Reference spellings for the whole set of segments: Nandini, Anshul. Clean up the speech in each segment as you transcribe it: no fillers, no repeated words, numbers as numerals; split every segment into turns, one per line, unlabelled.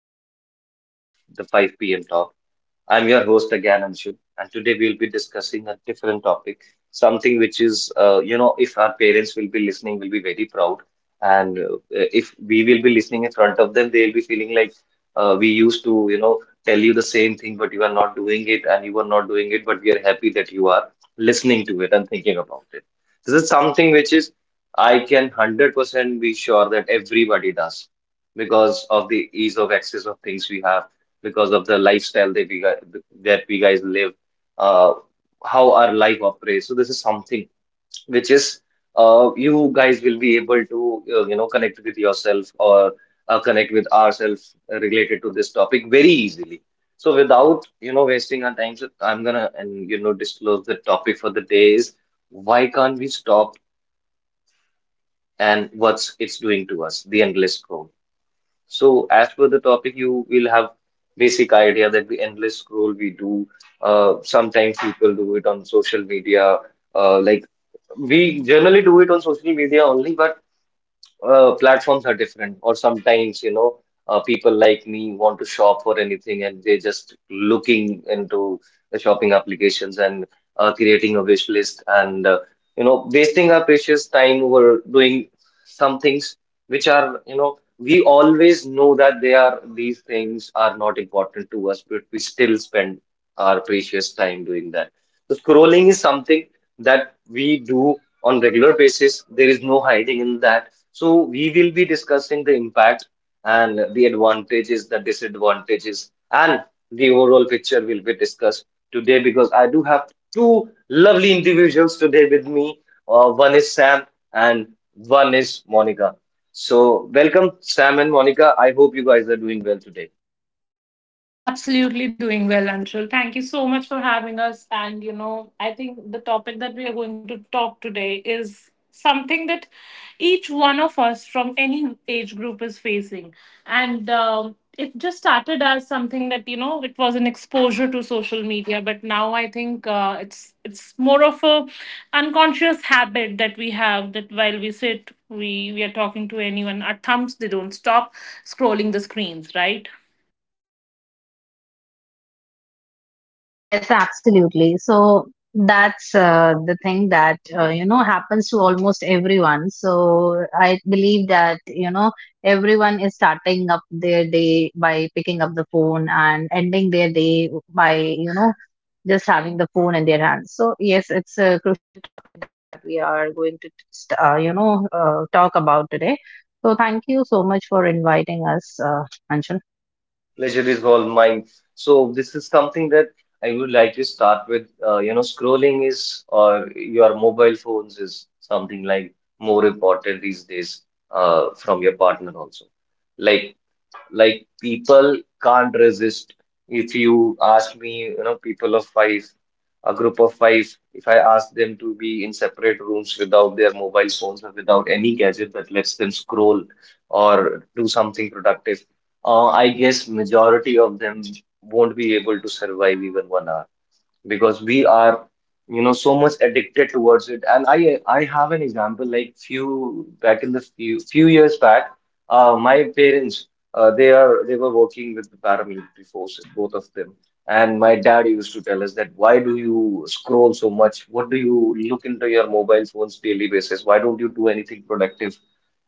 episode of the 5 p.m. Talk. I'm your host again, Anshul, and today we'll be discussing a different topic, something which is, if our parents will be listening, will be very proud, and if we will be listening in front of them, they'll be feeling like we used to, tell you the same thing, but you are not doing it, and you are not doing it, but we are happy that you are listening to it and thinking about it. This is something which is, I can 100% be sure that everybody does because of the ease of access of things we have, because of the lifestyle that we guys live, uh, how our life operates. So this is something which is you guys will be able to connect with yourself, or connect with ourselves related to this topic very easily. So without wasting our time, so I'm gonna and you know disclose the topic for the day is why can't we stop and what's it's doing to us, the endless scroll. So, as per the topic, you will have basic idea that the endless scroll we do. Sometimes people do it on social media. Uh, like we generally do it on social media only, but platforms are different. Or sometimes, people like me want to shop for anything and they just looking into the shopping applications and creating a wish list and, wasting our precious time over doing some things which are, we always know that these things are not important to us, but we still spend our precious time doing that. So scrolling is something that we do on regular basis. There is no hiding in that, so we will be discussing the impact and the advantages, the disadvantages, and the overall picture will be discussed today because I do have two lovely individuals today with me. One is Sam and one is Monica. So welcome, Sam and Monica. I hope you guys are doing well today.
Absolutely doing well, Anshul. Thank you so much for having us. And, you know, I think the topic that we are going to talk today is something that each one of us from any age group is facing. And It just started as something that, you know, it was an exposure to social media. But now I think it's more of a unconscious habit that we have that while we sit, we are talking to anyone, our thumbs, they don't stop scrolling the screens, right?
Yes, absolutely. So that's the thing that happens to almost everyone. So I believe that everyone is starting up their day by picking up the phone and ending their day by just having the phone in their hands. So yes, it's a crucial that we are going to talk about today. So thank you so much for inviting us, Anshul.
Pleasure is all mine. So this is something that I would like to start with. Scrolling is or your mobile phones is something like more important these days from your partner also. Like like people can't resist. If you ask me, people of five, a group of five, if I ask them to be in separate rooms without their mobile phones or without any gadget that lets them scroll or do something productive, I guess majority of them won't be able to survive even 1 hour because we are so much addicted towards it. And I have an example, like few years back, my parents, they were working with the paramilitary forces, both of them. And my dad used to tell us that, why do you scroll so much? What do you look into your mobile phones daily basis? Why don't you do anything productive?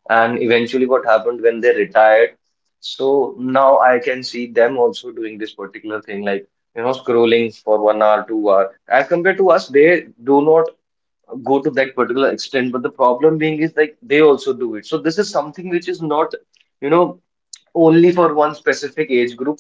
And eventually, what happened when they retired? So now I can see them also doing this particular thing, like, scrolling for 1 hour, 2 hour. As compared to us, they do not go to that particular extent. But the problem being is like they also do it. So this is something which is not, you know, only for one specific age group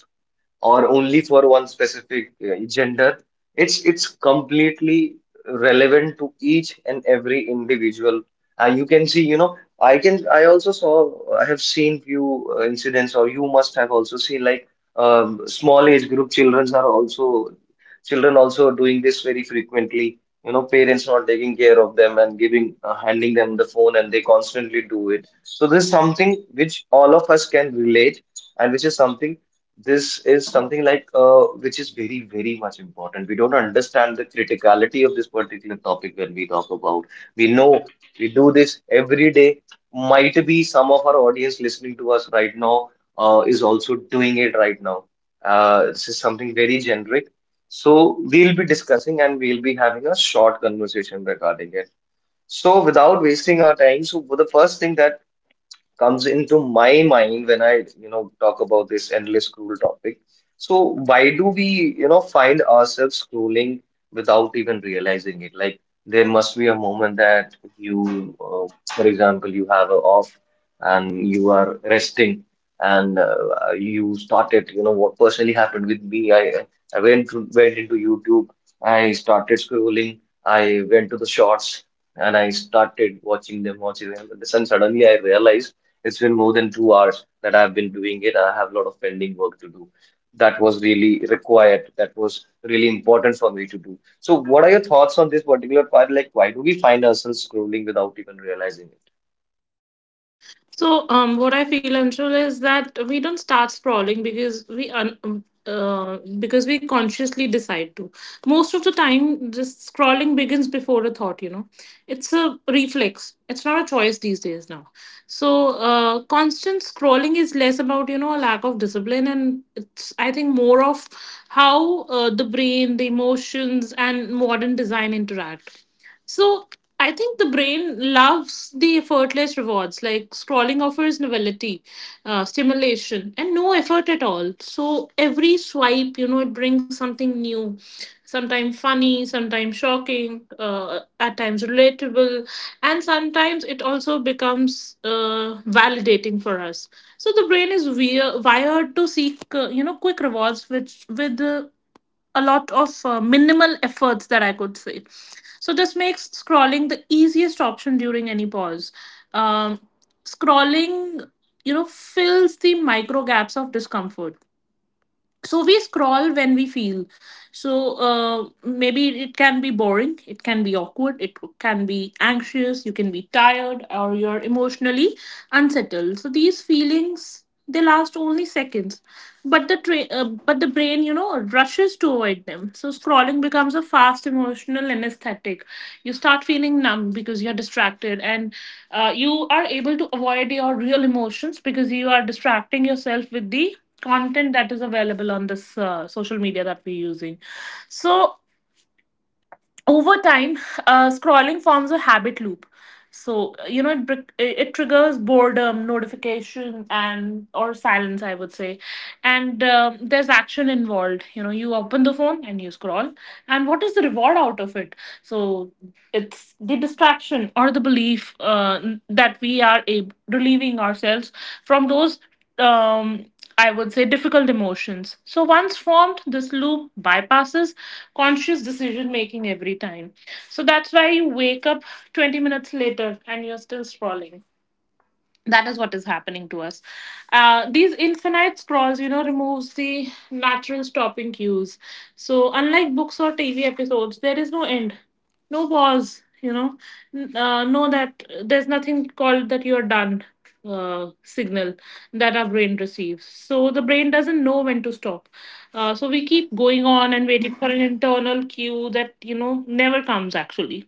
or only for one specific gender. It's completely relevant to each and every individual. And you can see, I also saw I have seen few incidents, or you must have also seen like small age group children also doing this very frequently. You know, parents not taking care of them and giving handing them the phone, and they constantly do it. So this is something which all of us can relate, and which is something this is something like which is very, very much important. We don't understand the criticality of this particular topic when we talk about. We know we do this every day. Might be some of our audience listening to us right now is also doing it right now. This is something very generic. So we'll be discussing and we'll be having a short conversation regarding it. So without wasting our time, so the first thing that comes into my mind when I, talk about this endless scroll topic. So why do we, find ourselves scrolling without even realizing it? Like, there must be a moment that for example, you have a off and you are resting and you started, what personally happened with me. Went into YouTube. I started scrolling. I went to the shorts and I started watching them. And then suddenly I realized it's been more than 2 hours that I've been doing it. I have a lot of pending work to do. That was really required. That was really important for me to do. So, what are your thoughts on this particular part? Like, why do we find ourselves scrolling without even realizing it?
So, what I feel, Anshul, is that we don't start scrolling because because we consciously decide to. Most of the time, just scrolling begins before a thought. You know, it's a reflex. It's not a choice these days now. So, constant scrolling is less about, you know, a lack of discipline, and it's I think more of how the brain, the emotions, and modern design interact. So I think the brain loves the effortless rewards, like scrolling offers novelty, stimulation, and no effort at all. So every swipe, you know, it brings something new, sometimes funny, sometimes shocking, at times relatable, and sometimes it also becomes validating for us. So the brain is wired to seek, you know, quick rewards, which with the a lot of minimal efforts that I could say. So this makes scrolling the easiest option during any pause. Um, scrolling, you know, fills the micro gaps of discomfort, so we scroll when we feel, so maybe it can be boring, it can be awkward, it can be anxious, you can be tired, or you're emotionally unsettled. So these feelings, they last only seconds, but but the brain, you know, rushes to avoid them. So scrolling becomes a fast emotional anesthetic. You start feeling numb because you're distracted, and you are able to avoid your real emotions because you are distracting yourself with the content that is available on this social media that we're using. So over time, scrolling forms a habit loop. So you know, it it triggers boredom, notification, and or silence, I would say, and there's action involved. You know, you open the phone and you scroll, and what is the reward out of it? So it's the distraction or the belief that we are relieving ourselves from those. Um, I would say difficult emotions. So once formed, this loop bypasses conscious decision making every time. So that's why you wake up 20 minutes later and you're still scrolling. That is what is happening to us. These infinite scrolls, you know, removes the natural stopping cues. So unlike books or TV episodes, there is no end, no pause, you know. No, that there's nothing called that you're done signal that our brain receives, so the brain doesn't know when to stop. So we keep going on and waiting for an internal cue that, you know, never comes actually.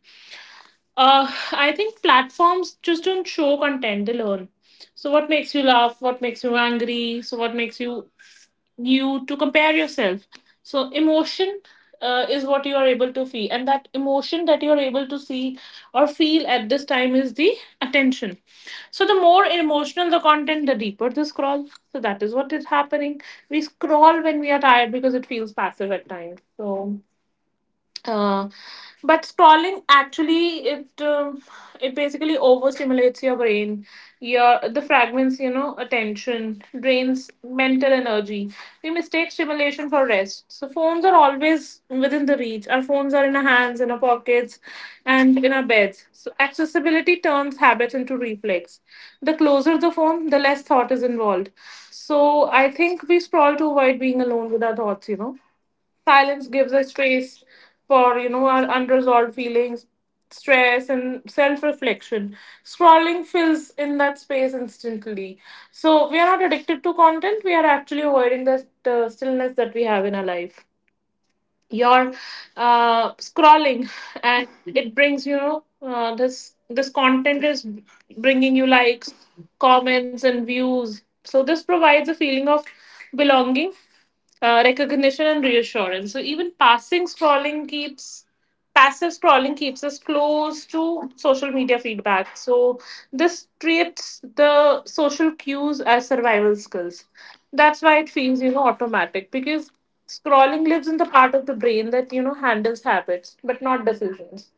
I think platforms just don't show content, they learn. So, what makes you laugh? What makes you angry? So, what makes you to compare yourself? So, emotion is what you are able to feel, and that emotion that you are able to see or feel at this time is the attention. So, the more emotional the content, the deeper the scroll. So, that is what is happening. We scroll when we are tired because it feels passive at times. So, uh, but scrolling actually it basically overstimulates your brain. Your the fragments, you know, attention drains mental energy. We mistake stimulation for rest, so phones are always within the reach. Our phones are in our hands, in our pockets, and in our beds. So accessibility turns habit into reflex. The closer the phone, the less thought is involved. So I think we scroll to avoid being alone with our thoughts, you know. Silence gives us space for, you know, our unresolved feelings, stress, and self reflection. Scrolling fills in that space instantly. So we are not addicted to content, we are actually avoiding the stillness that we have in our life. You're scrolling, and it brings, you know, this content is bringing you likes, comments, and views. So this provides a feeling of belonging, recognition, and reassurance. So even passing scrolling keeps passive scrolling keeps us close to social media feedback. So this treats the social cues as survival skills. That's why it feels, you know, automatic, because scrolling lives in the part of the brain that, you know, handles habits but not decisions.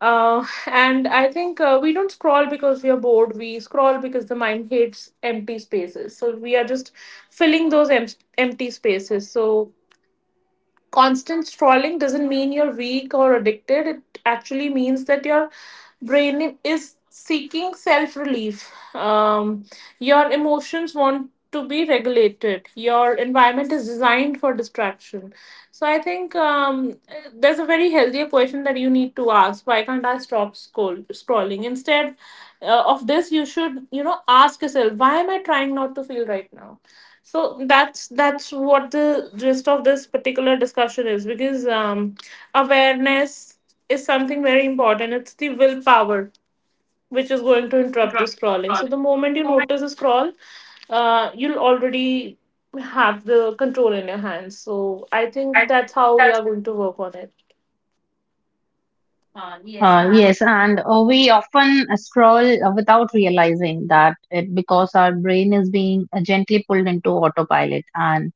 And I think we don't scroll because we are bored. We scroll because the mind hates empty spaces. So we are just filling those empty spaces. So constant scrolling doesn't mean you're weak or addicted. It actually means that your brain is seeking self relief. Your emotions want to be regulated. Your environment is designed for distraction. So I think there's a very healthier question that you need to ask. Why can't I stop scrolling? Instead of this, you should, you know, ask yourself, why am I trying not to feel right now? So that's what the gist of this particular discussion is, because awareness is something very important. It's the willpower which is going to interrupt the scrolling. So the moment you notice a scroll, you'll already have the control in your hands. So I think that's how we are going to work on it.
Yes, and we often scroll without realizing that it because our brain is being gently pulled into autopilot. And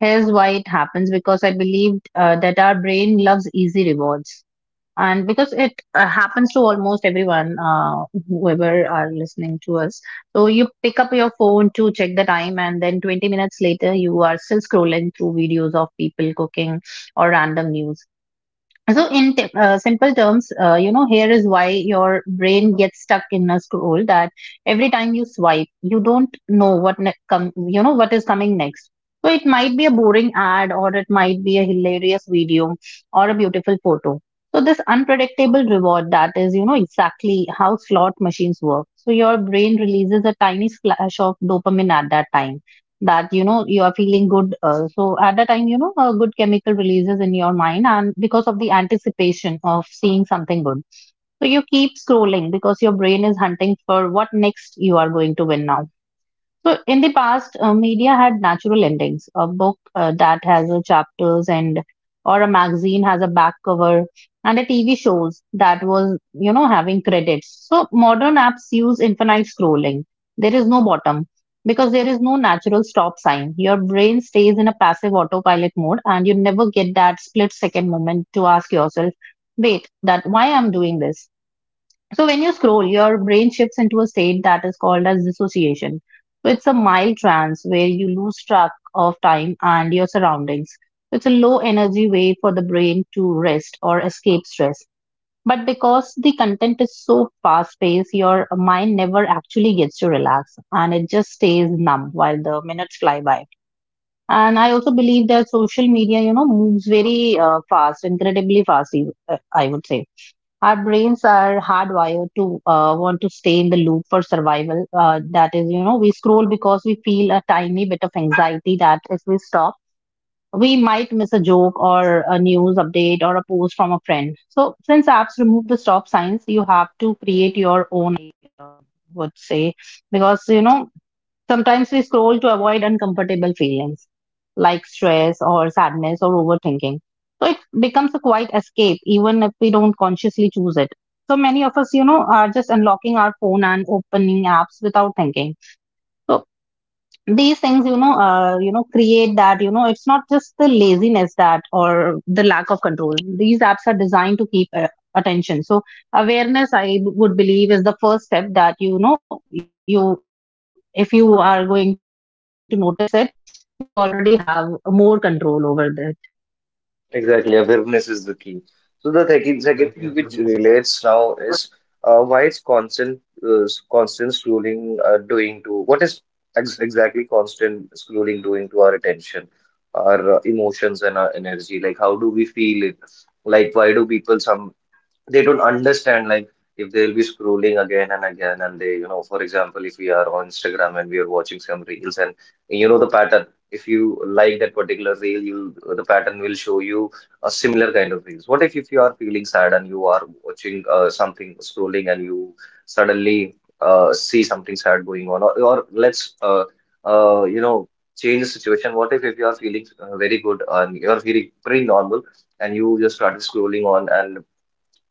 here's why it happens because I believed that our brain loves easy rewards. And because it happens to almost everyone, whoever are listening to us. Pick up your phone to check the time, and then 20 minutes later, you are still scrolling through videos of people cooking or random news. So, in simple terms, here is why your brain gets stuck in a scroll that every time you swipe, you don't know what what is coming next. So it might be a boring ad, or it might be a hilarious video, or a beautiful photo. So this unpredictable reward that is, you know, exactly how slot machines work. So your brain releases a tiny splash of dopamine at that time that you know you are feeling good. So at that time you know a good chemical releases in your mind and because of the anticipation of seeing something good, so you keep scrolling because your brain is hunting for what next you are going to win now. So in the past, media had natural endings. A book that has a chapters, and or a magazine has a back cover, and a TV shows that was, you know, having credits. So modern apps use infinite scrolling. There is no bottom because there is no natural stop sign. Your brain stays in a passive autopilot mode and you never get that split second moment to ask yourself, wait, that why I'm doing this. So when you scroll, your brain shifts into a state that is called as dissociation. So it's a mild trance where you lose track of time and your surroundings. It's a low energy way for the brain to rest or escape stress. But because the content is so fast paced, your mind never actually gets to relax and it just stays numb while the minutes fly by. And I also believe that social media, you know, moves very fast, incredibly fast, I would say our brains are hardwired to want to stay in the loop for survival. That is, you know, we scroll because we feel a tiny bit of anxiety that if we stop, we might miss a joke or a news update or a post from a friend. So, since apps remove the stop signs, you have to create your own, I would say, because you know, sometimes we scroll to avoid uncomfortable feelings like stress or sadness or overthinking. So, it becomes a quiet escape even if we don't consciously choose it. So, many of us, you know, are just unlocking our phone and opening apps without thinking. So these things you know create that you know it's not just the laziness that or the lack of control. These apps are designed to keep attention. So awareness I would believe is the first step that you know you if you are going to notice it, you already have more control over this.
Exactly, awareness is the key. So the second thing which relates now is, why is constant s- constant scrolling doing to what is ex exactly constant scrolling doing to our attention, our emotions and our energy? Like, how do we feel it? Like, why do people some they don't understand? Like, if they'll be scrolling again and again, and they, for example, if we are on Instagram and we are watching some reels, and the pattern, if you like that particular reel, you the pattern will show you a similar kind of reels. What if you are feeling sad and you are watching something scrolling, and you suddenly see something sad going on, or let's you know change the situation. What if you are feeling very good and you are feeling pretty normal and you just start scrolling on, and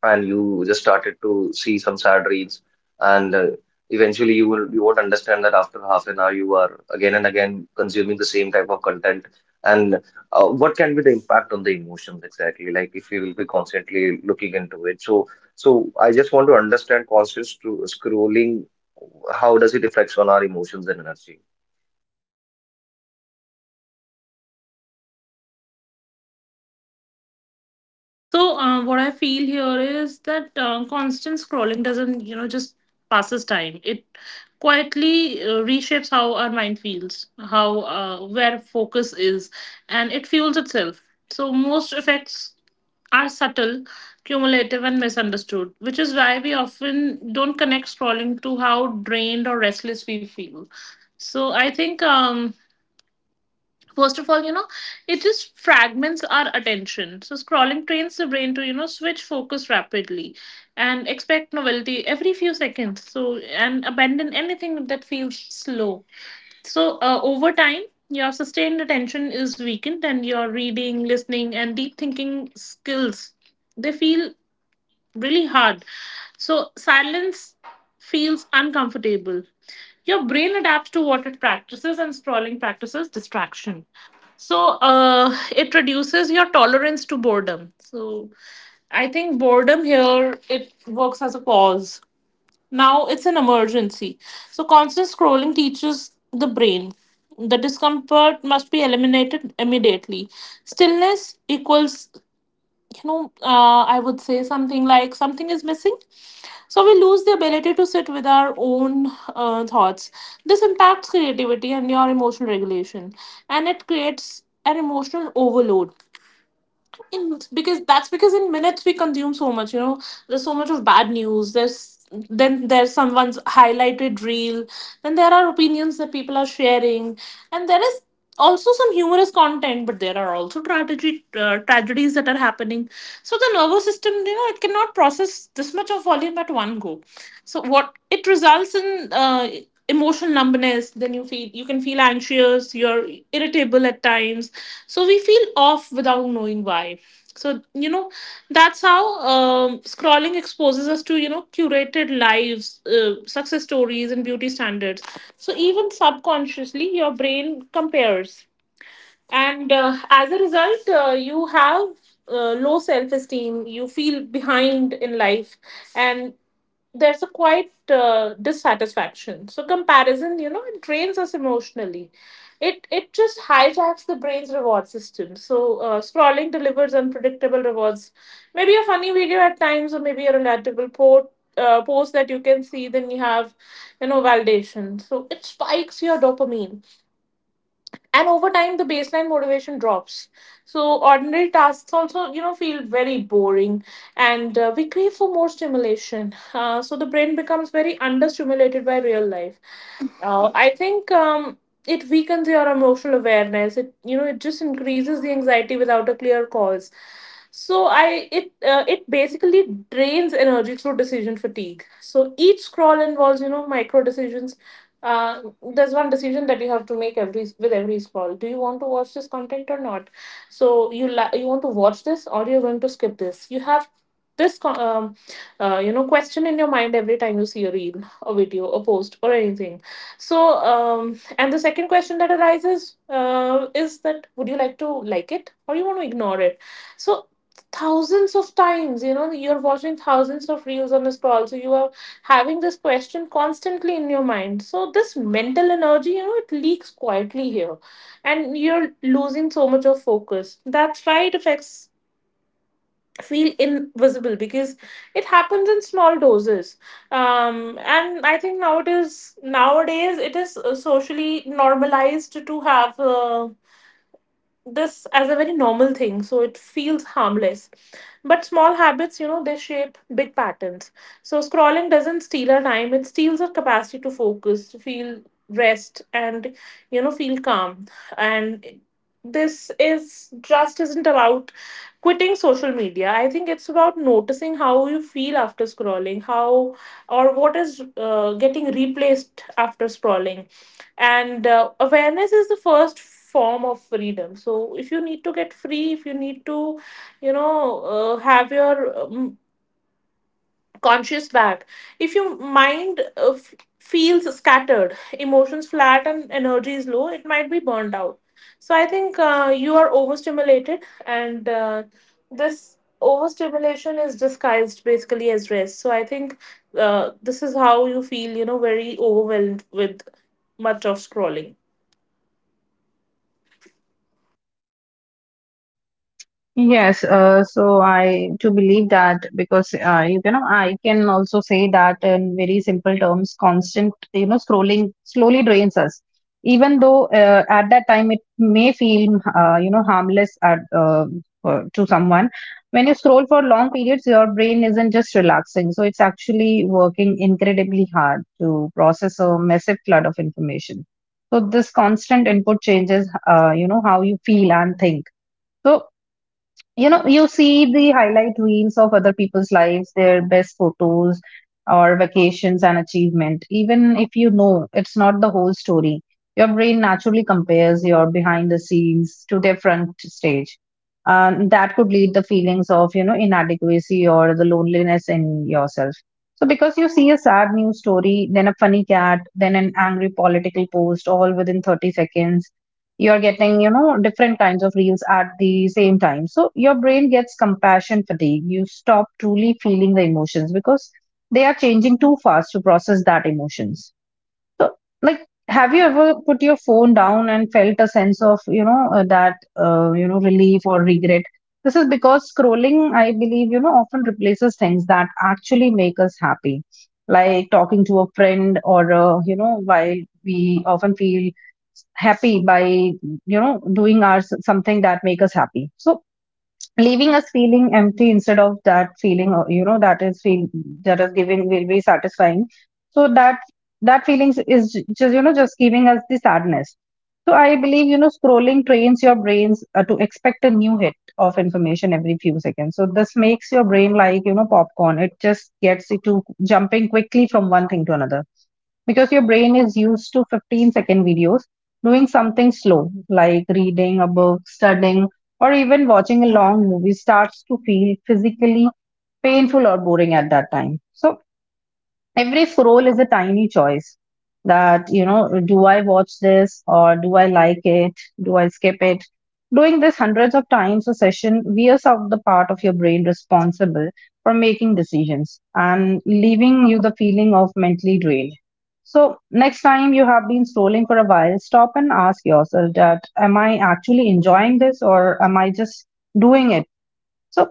you just started to see some sad reels. And eventually, you won't understand that after half an hour you are again and again consuming the same type of content. And what can be the impact on the emotions exactly, like, if you will be constantly looking into it? So I just want to understand conscious to scrolling, how does it affects on our emotions and energy?
So what I feel here is that constant scrolling doesn't, you know, just passes time. It quietly reshapes how our mind feels, how where focus is, and it fuels itself. So most effects are subtle, cumulative, and misunderstood, which is why we often don't connect scrolling to how drained or restless we feel. So I think, first of all, you know, it just fragments our attention. So, scrolling trains the brain to, you know, switch focus rapidly and expect novelty every few seconds. So, and abandon anything that feels slow. So, over time, your sustained attention is weakened, and your reading, listening, and deep thinking skills, they feel really hard. So silence feels uncomfortable. Your brain adapts to what it practices, and scrolling practices distraction. So it reduces your tolerance to boredom. So I think boredom here, it works as a pause. Now it's an emergency. So constant scrolling teaches the brain the discomfort must be eliminated immediately. Stillness equals, you know, I would say something like something is missing. So we lose the ability to sit with our own thoughts. This impacts creativity and your emotional regulation, and it creates an emotional overload in, because that's because in minutes we consume so much, you know. There's so much of bad news, there's then there's someone's highlighted reel, then there are opinions that people are sharing, and there is also some humorous content, but there are also tragedy tragedies that are happening. So the nervous system, you know, it cannot process this much of volume at one go. So what it results in, emotional numbness. Then you can feel anxious, you're irritable at times. So we feel off without knowing why. So, you know, that's how, scrolling exposes us to, you know, curated lives, success stories, and beauty standards. So even subconsciously your brain compares, and as a result, you have low self esteem, you feel behind in life, and there's a quite dissatisfaction. So comparison, you know, it drains us emotionally. It just hijacks the brain's reward system. So scrolling delivers unpredictable rewards, maybe a funny video at times, or maybe a relatable post that you can see. Then you have, you know, validation. So it spikes your dopamine, and over time the baseline motivation drops. So ordinary tasks also, you know, feel very boring, and we crave for more stimulation. So the brain becomes very understimulated by real life. I think, it weakens your emotional awareness. It You know, it just increases the anxiety without a clear cause. So I it It basically drains energy through decision fatigue. So each scroll involves, you know, micro decisions. uh, there's one decision that you have to make every with every scroll. Do you want to watch this content or not? So you want to watch this or you're going to skip this. You have this co- um, you know, question in your mind every time you see a reel, a video, a post, or anything. So and the second question that arises is that would you like to like it or you want to ignore it? So thousands of times you're watching thousands of reels on a scroll, so you are having this question constantly in your mind. So this mental energy, it leaks quietly here, and you're losing so much of focus. That's why it affects, feel invisible, because it happens in small doses. And I think nowadays it is socially normalized to have this as a very normal thing, so it feels harmless. But small habits, they shape big patterns. So scrolling doesn't steal our time, it steals our capacity to focus, to feel rest, and feel calm. And this is, just isn't about quitting social media. I think it's about noticing how you feel after scrolling, how or what is getting replaced after scrolling. And awareness is the first form of freedom. So if you need to get free, if you need to, have your conscious back. If your mind feels scattered, emotions flat, and energy is low, it might be burned out. So I think you are overstimulated, and this overstimulation is disguised basically as rest. So I think this is how you feel, very overwhelmed with much of scrolling.
Yes, so I to believe that because you know I can also say that very simple terms, constant you know scrolling slowly drains us. Even though at that time it may feel you know harmless at, to someone, when you scroll for long periods, your brain isn't just relaxing, so it's actually working incredibly hard to process a flood of information. So this constant input changes you know how you feel and think. So you know you see the highlight reels of other people's lives, their best photos or vacations and achievement, even if you know it's not the whole story, your brain naturally compares your behind the scenes to their front stage, and that could lead the feelings of you know inadequacy or the loneliness in yourself. So because you see a sad news story, then a funny cat, then an angry political post all within 30 seconds, you're getting you know different kinds of reels at the same time. So your brain gets compassion fatigue. You stop truly feeling the emotions because they are changing too fast to process that emotions. So, like, have you ever put your phone down and felt a sense of, you know, you know, relief or regret? This is because scrolling, I believe, you know, often replaces things that actually make us happy, like talking to a friend or, you know, while we often feel happy by, you know, doing our something that make us happy. So leaving us feeling empty instead of that feeling you know that is feel that is giving will be satisfying. So that that feelings is just you know just giving us the sadness. So I believe you know scrolling trains your brains to expect a new hit of information every few seconds. So this makes your brain like you know popcorn. It just gets it to jumping quickly from one thing to another, because your brain is used to 15 second videos. Doing something slow like reading a book, studying, or even watching a long movie starts to feel physically painful or boring at that time. So every scroll is a tiny choice that you know, do I watch this or do I like it, do I skip it. Doing this hundreds of times a session wears out the part of your brain responsible for making decisions and leaving you the feeling of mentally drained. So next time you have been scrolling for a while, stop and ask yourself that, am I actually enjoying this or am I just doing it? So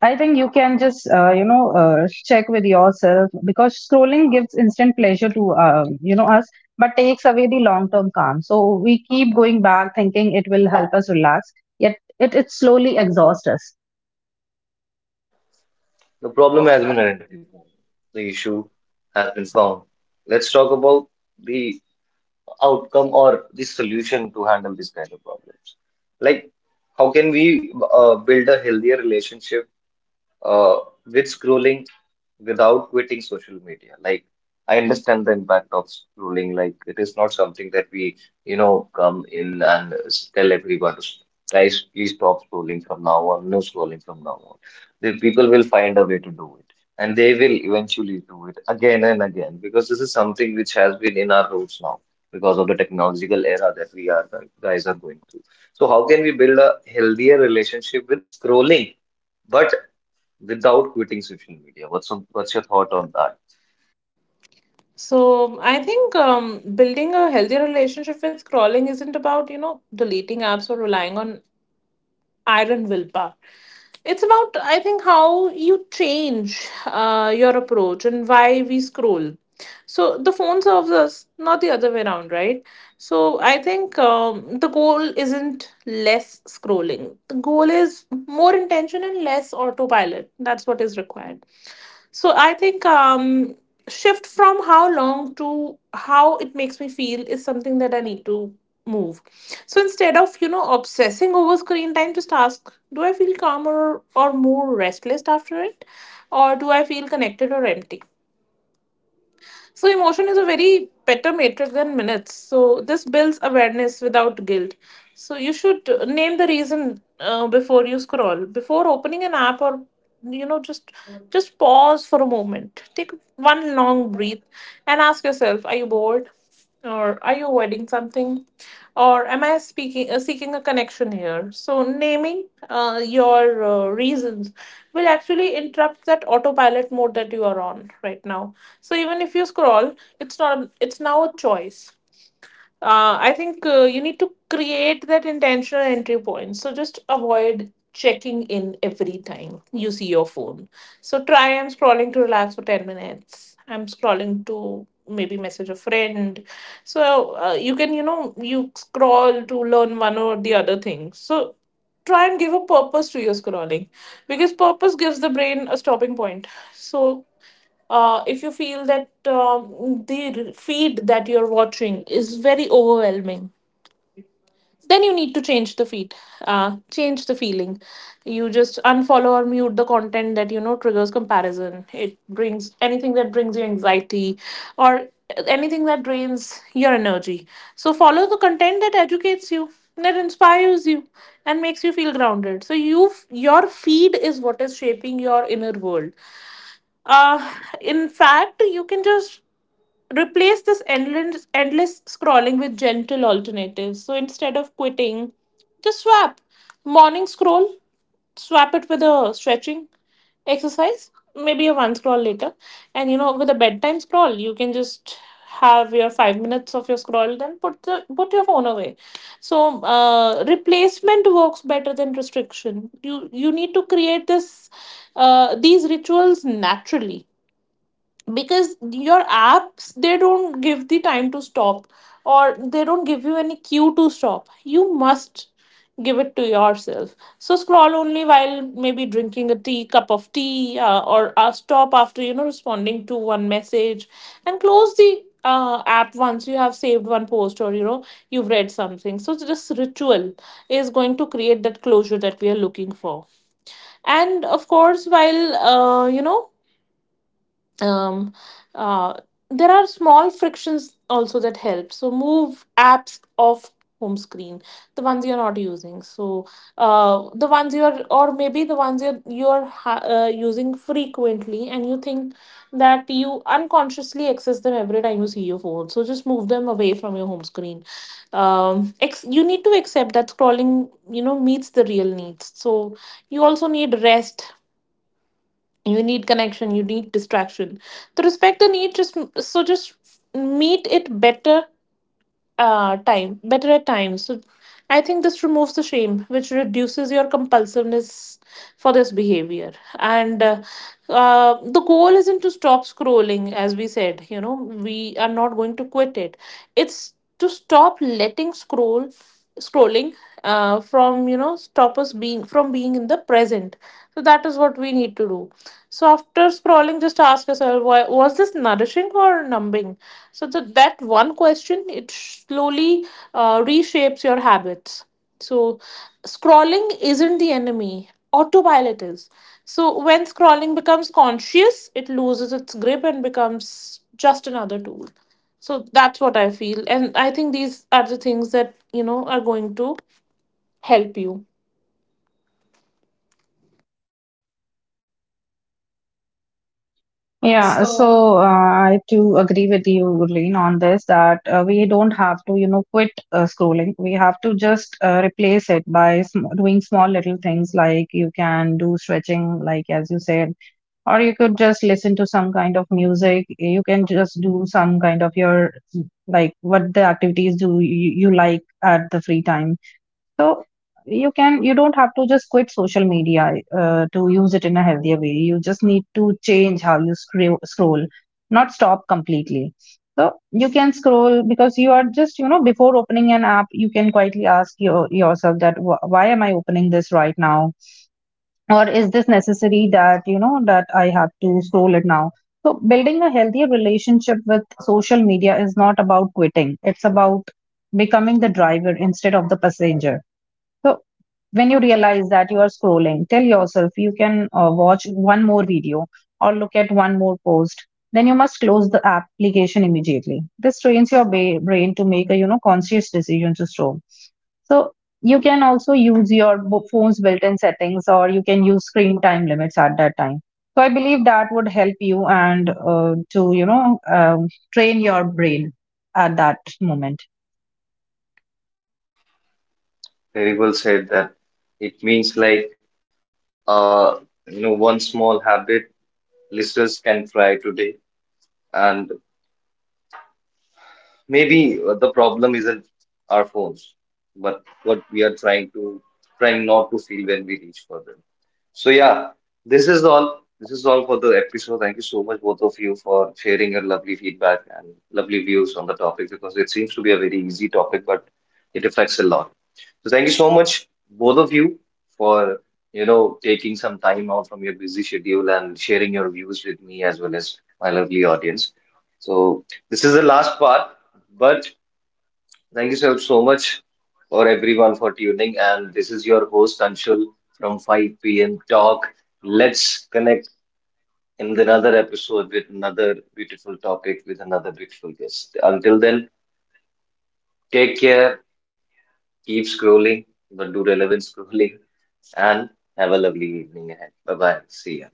I think you can just, you know, check with yourself because scrolling gives instant pleasure to, you know, us, but takes away the long-term calm. So we keep going back thinking it will help us relax, yet it slowly exhausts us.
The problem has been identified, the issue has been found. Let's talk about the outcome or the solution to handle this kind of problems. Like, how can we build a healthier relationship uh, with scrolling without quitting social media? Like, I understand the impact of scrolling. Like, it is not something that we, you know, come in and s- tell everyone, guys, please stop scrolling from now on, no scrolling from now on. The people will find a way to do it, and they will eventually do it again and again because this is something which has been in our roots now because of the technological era that we are guys are going through. So how can we build a healthier relationship with scrolling, but without quitting social media? What's what's your thought on that?
So I think, building a healthier relationship with scrolling isn't about, deleting apps or relying on iron willpower. It's about, I think, how you change your approach and why we scroll. So the phone serves us, not the other way around, right? So I think, the goal isn't less scrolling. The goal is more intention and less autopilot. That's what is required. So I think, shift from how long to how it makes me feel is something that I need to move. So instead of, obsessing over screen time, just ask: do I feel calmer or more restless after it, or do I feel connected or empty? So, emotion is a very better matrix than minutes. So, this builds awareness without guilt. So, you should name the reason before you scroll, before opening an app, or you know, just pause for a moment. Take one long breath and ask yourself, are you bored? Or are you avoiding something? Or am I speaking seeking a connection here? So naming your reasons will actually interrupt that autopilot mode that you are on right now. So even if you scroll, it's not it's now a choice. I think you need to create that intentional entry point. So just avoid checking in every time you see your phone. So try, I'm scrolling to relax for 10 minutes. I'm scrolling to maybe message a friend. So you can, you know, you scroll to learn one or the other thing. So try and give a purpose to your scrolling, because purpose gives the brain a stopping point. So if you feel that the feed that you're watching is very overwhelming, then you need to change the feed, change the feeling. You just unfollow or mute the content that, you know, triggers comparison, it brings anything that brings you anxiety, or anything that drains your energy. So follow the content that educates you, that inspires you, and makes you feel grounded. So you, your feed is what is shaping your inner world. uh, in fact, you can just replace this endless scrolling with gentle alternatives. So instead of quitting, just swap morning scroll, swap it with a stretching exercise, maybe a one scroll later. And you know, with a bedtime scroll, you can just have your 5 minutes of your scroll, then put your phone away. So replacement works better than restriction. You need to create this, these rituals naturally. Because your apps, they don't give the time to stop, or they don't give you any cue to stop. You must give it to yourself. So scroll only while maybe drinking a tea, cup of tea, or stop after, you know, responding to one message, and close the app once you have saved one post, or you know, you've read something. So this ritual is going to create that closure that we are looking for. And of course, while um, uh, there are small frictions also that help. So move apps off home screen, the ones you're not using. So the ones you're, or maybe the ones you're using frequently, and you think that you unconsciously access them every time you see your phone, so just move them away from your home screen. You need to accept that scrolling, you know, meets the real needs. So you also need rest, you need connection, you need distraction. The respect the need, just, so just meet it better, time better at times. So I think this removes the shame, which reduces your compulsiveness for this behavior. And the goal isn't to stop scrolling, as we said, you know, we are not going to quit it. It's to stop letting scrolling from, you know, stop us being from being in the present. So that is what we need to do. So after scrolling, just ask yourself, why was this nourishing or numbing? So that one question, it slowly reshapes your habits. So scrolling isn't the enemy. Autopilot is. So when scrolling becomes conscious, it loses its grip and becomes just another tool. So that's what I feel, and I think these are the things that, you know, are going to help you.
Yeah,
Yeah,
so
so I too agree with you, Gurleen, on this that we don't have to, you know, quit scrolling. Have to just replace it by sm doing small little things like you can do stretching, like as you said, or you could just listen to some kind of music. You can just do some kind of your, like, what the activities do you like at the free time. So you can, you don't have to just quit social media to use it in a healthier way. You just need to change how you scroll, not stop completely. So you can scroll because you are just you know before opening an app, you can quietly ask yourself that, Why am I opening this right now, or is this necessary that you know that I have to scroll it now?" So building a healthier relationship with social media is not about quitting. It's about becoming the driver instead of the passenger. So when you realize that you are scrolling, tell yourself you can watch one more video or look at one more post. Then you must close the application immediately. This trains your brain to make a you know conscious decision to stop. So you can also use your phone's built-in settings, or you can use screen time limits at that time. So I believe that would help you and to you know train your brain at that moment.
very well said, that it means like, uh one small habit listeners can try today. And maybe the problem isn't our phones, but what we are trying not to feel when we reach for them. So yeah, This is all for the episode. Thank you so much, both of you, for sharing your lovely feedback and lovely views on the topic, because it seems to be a very easy topic, but it affects a lot. So thank you so much, both of you, for taking some time out from your busy schedule and sharing your views with me as well as my lovely audience. So this is the last part, but thank you so, so much for everyone for tuning. And this is your host Anshul from 5 p.m. Talk. Let's connect in another episode with another beautiful topic with another beautiful guest. Until then, take care, keep scrolling, but do relevant scrolling and have a lovely evening ahead. Bye bye. See ya.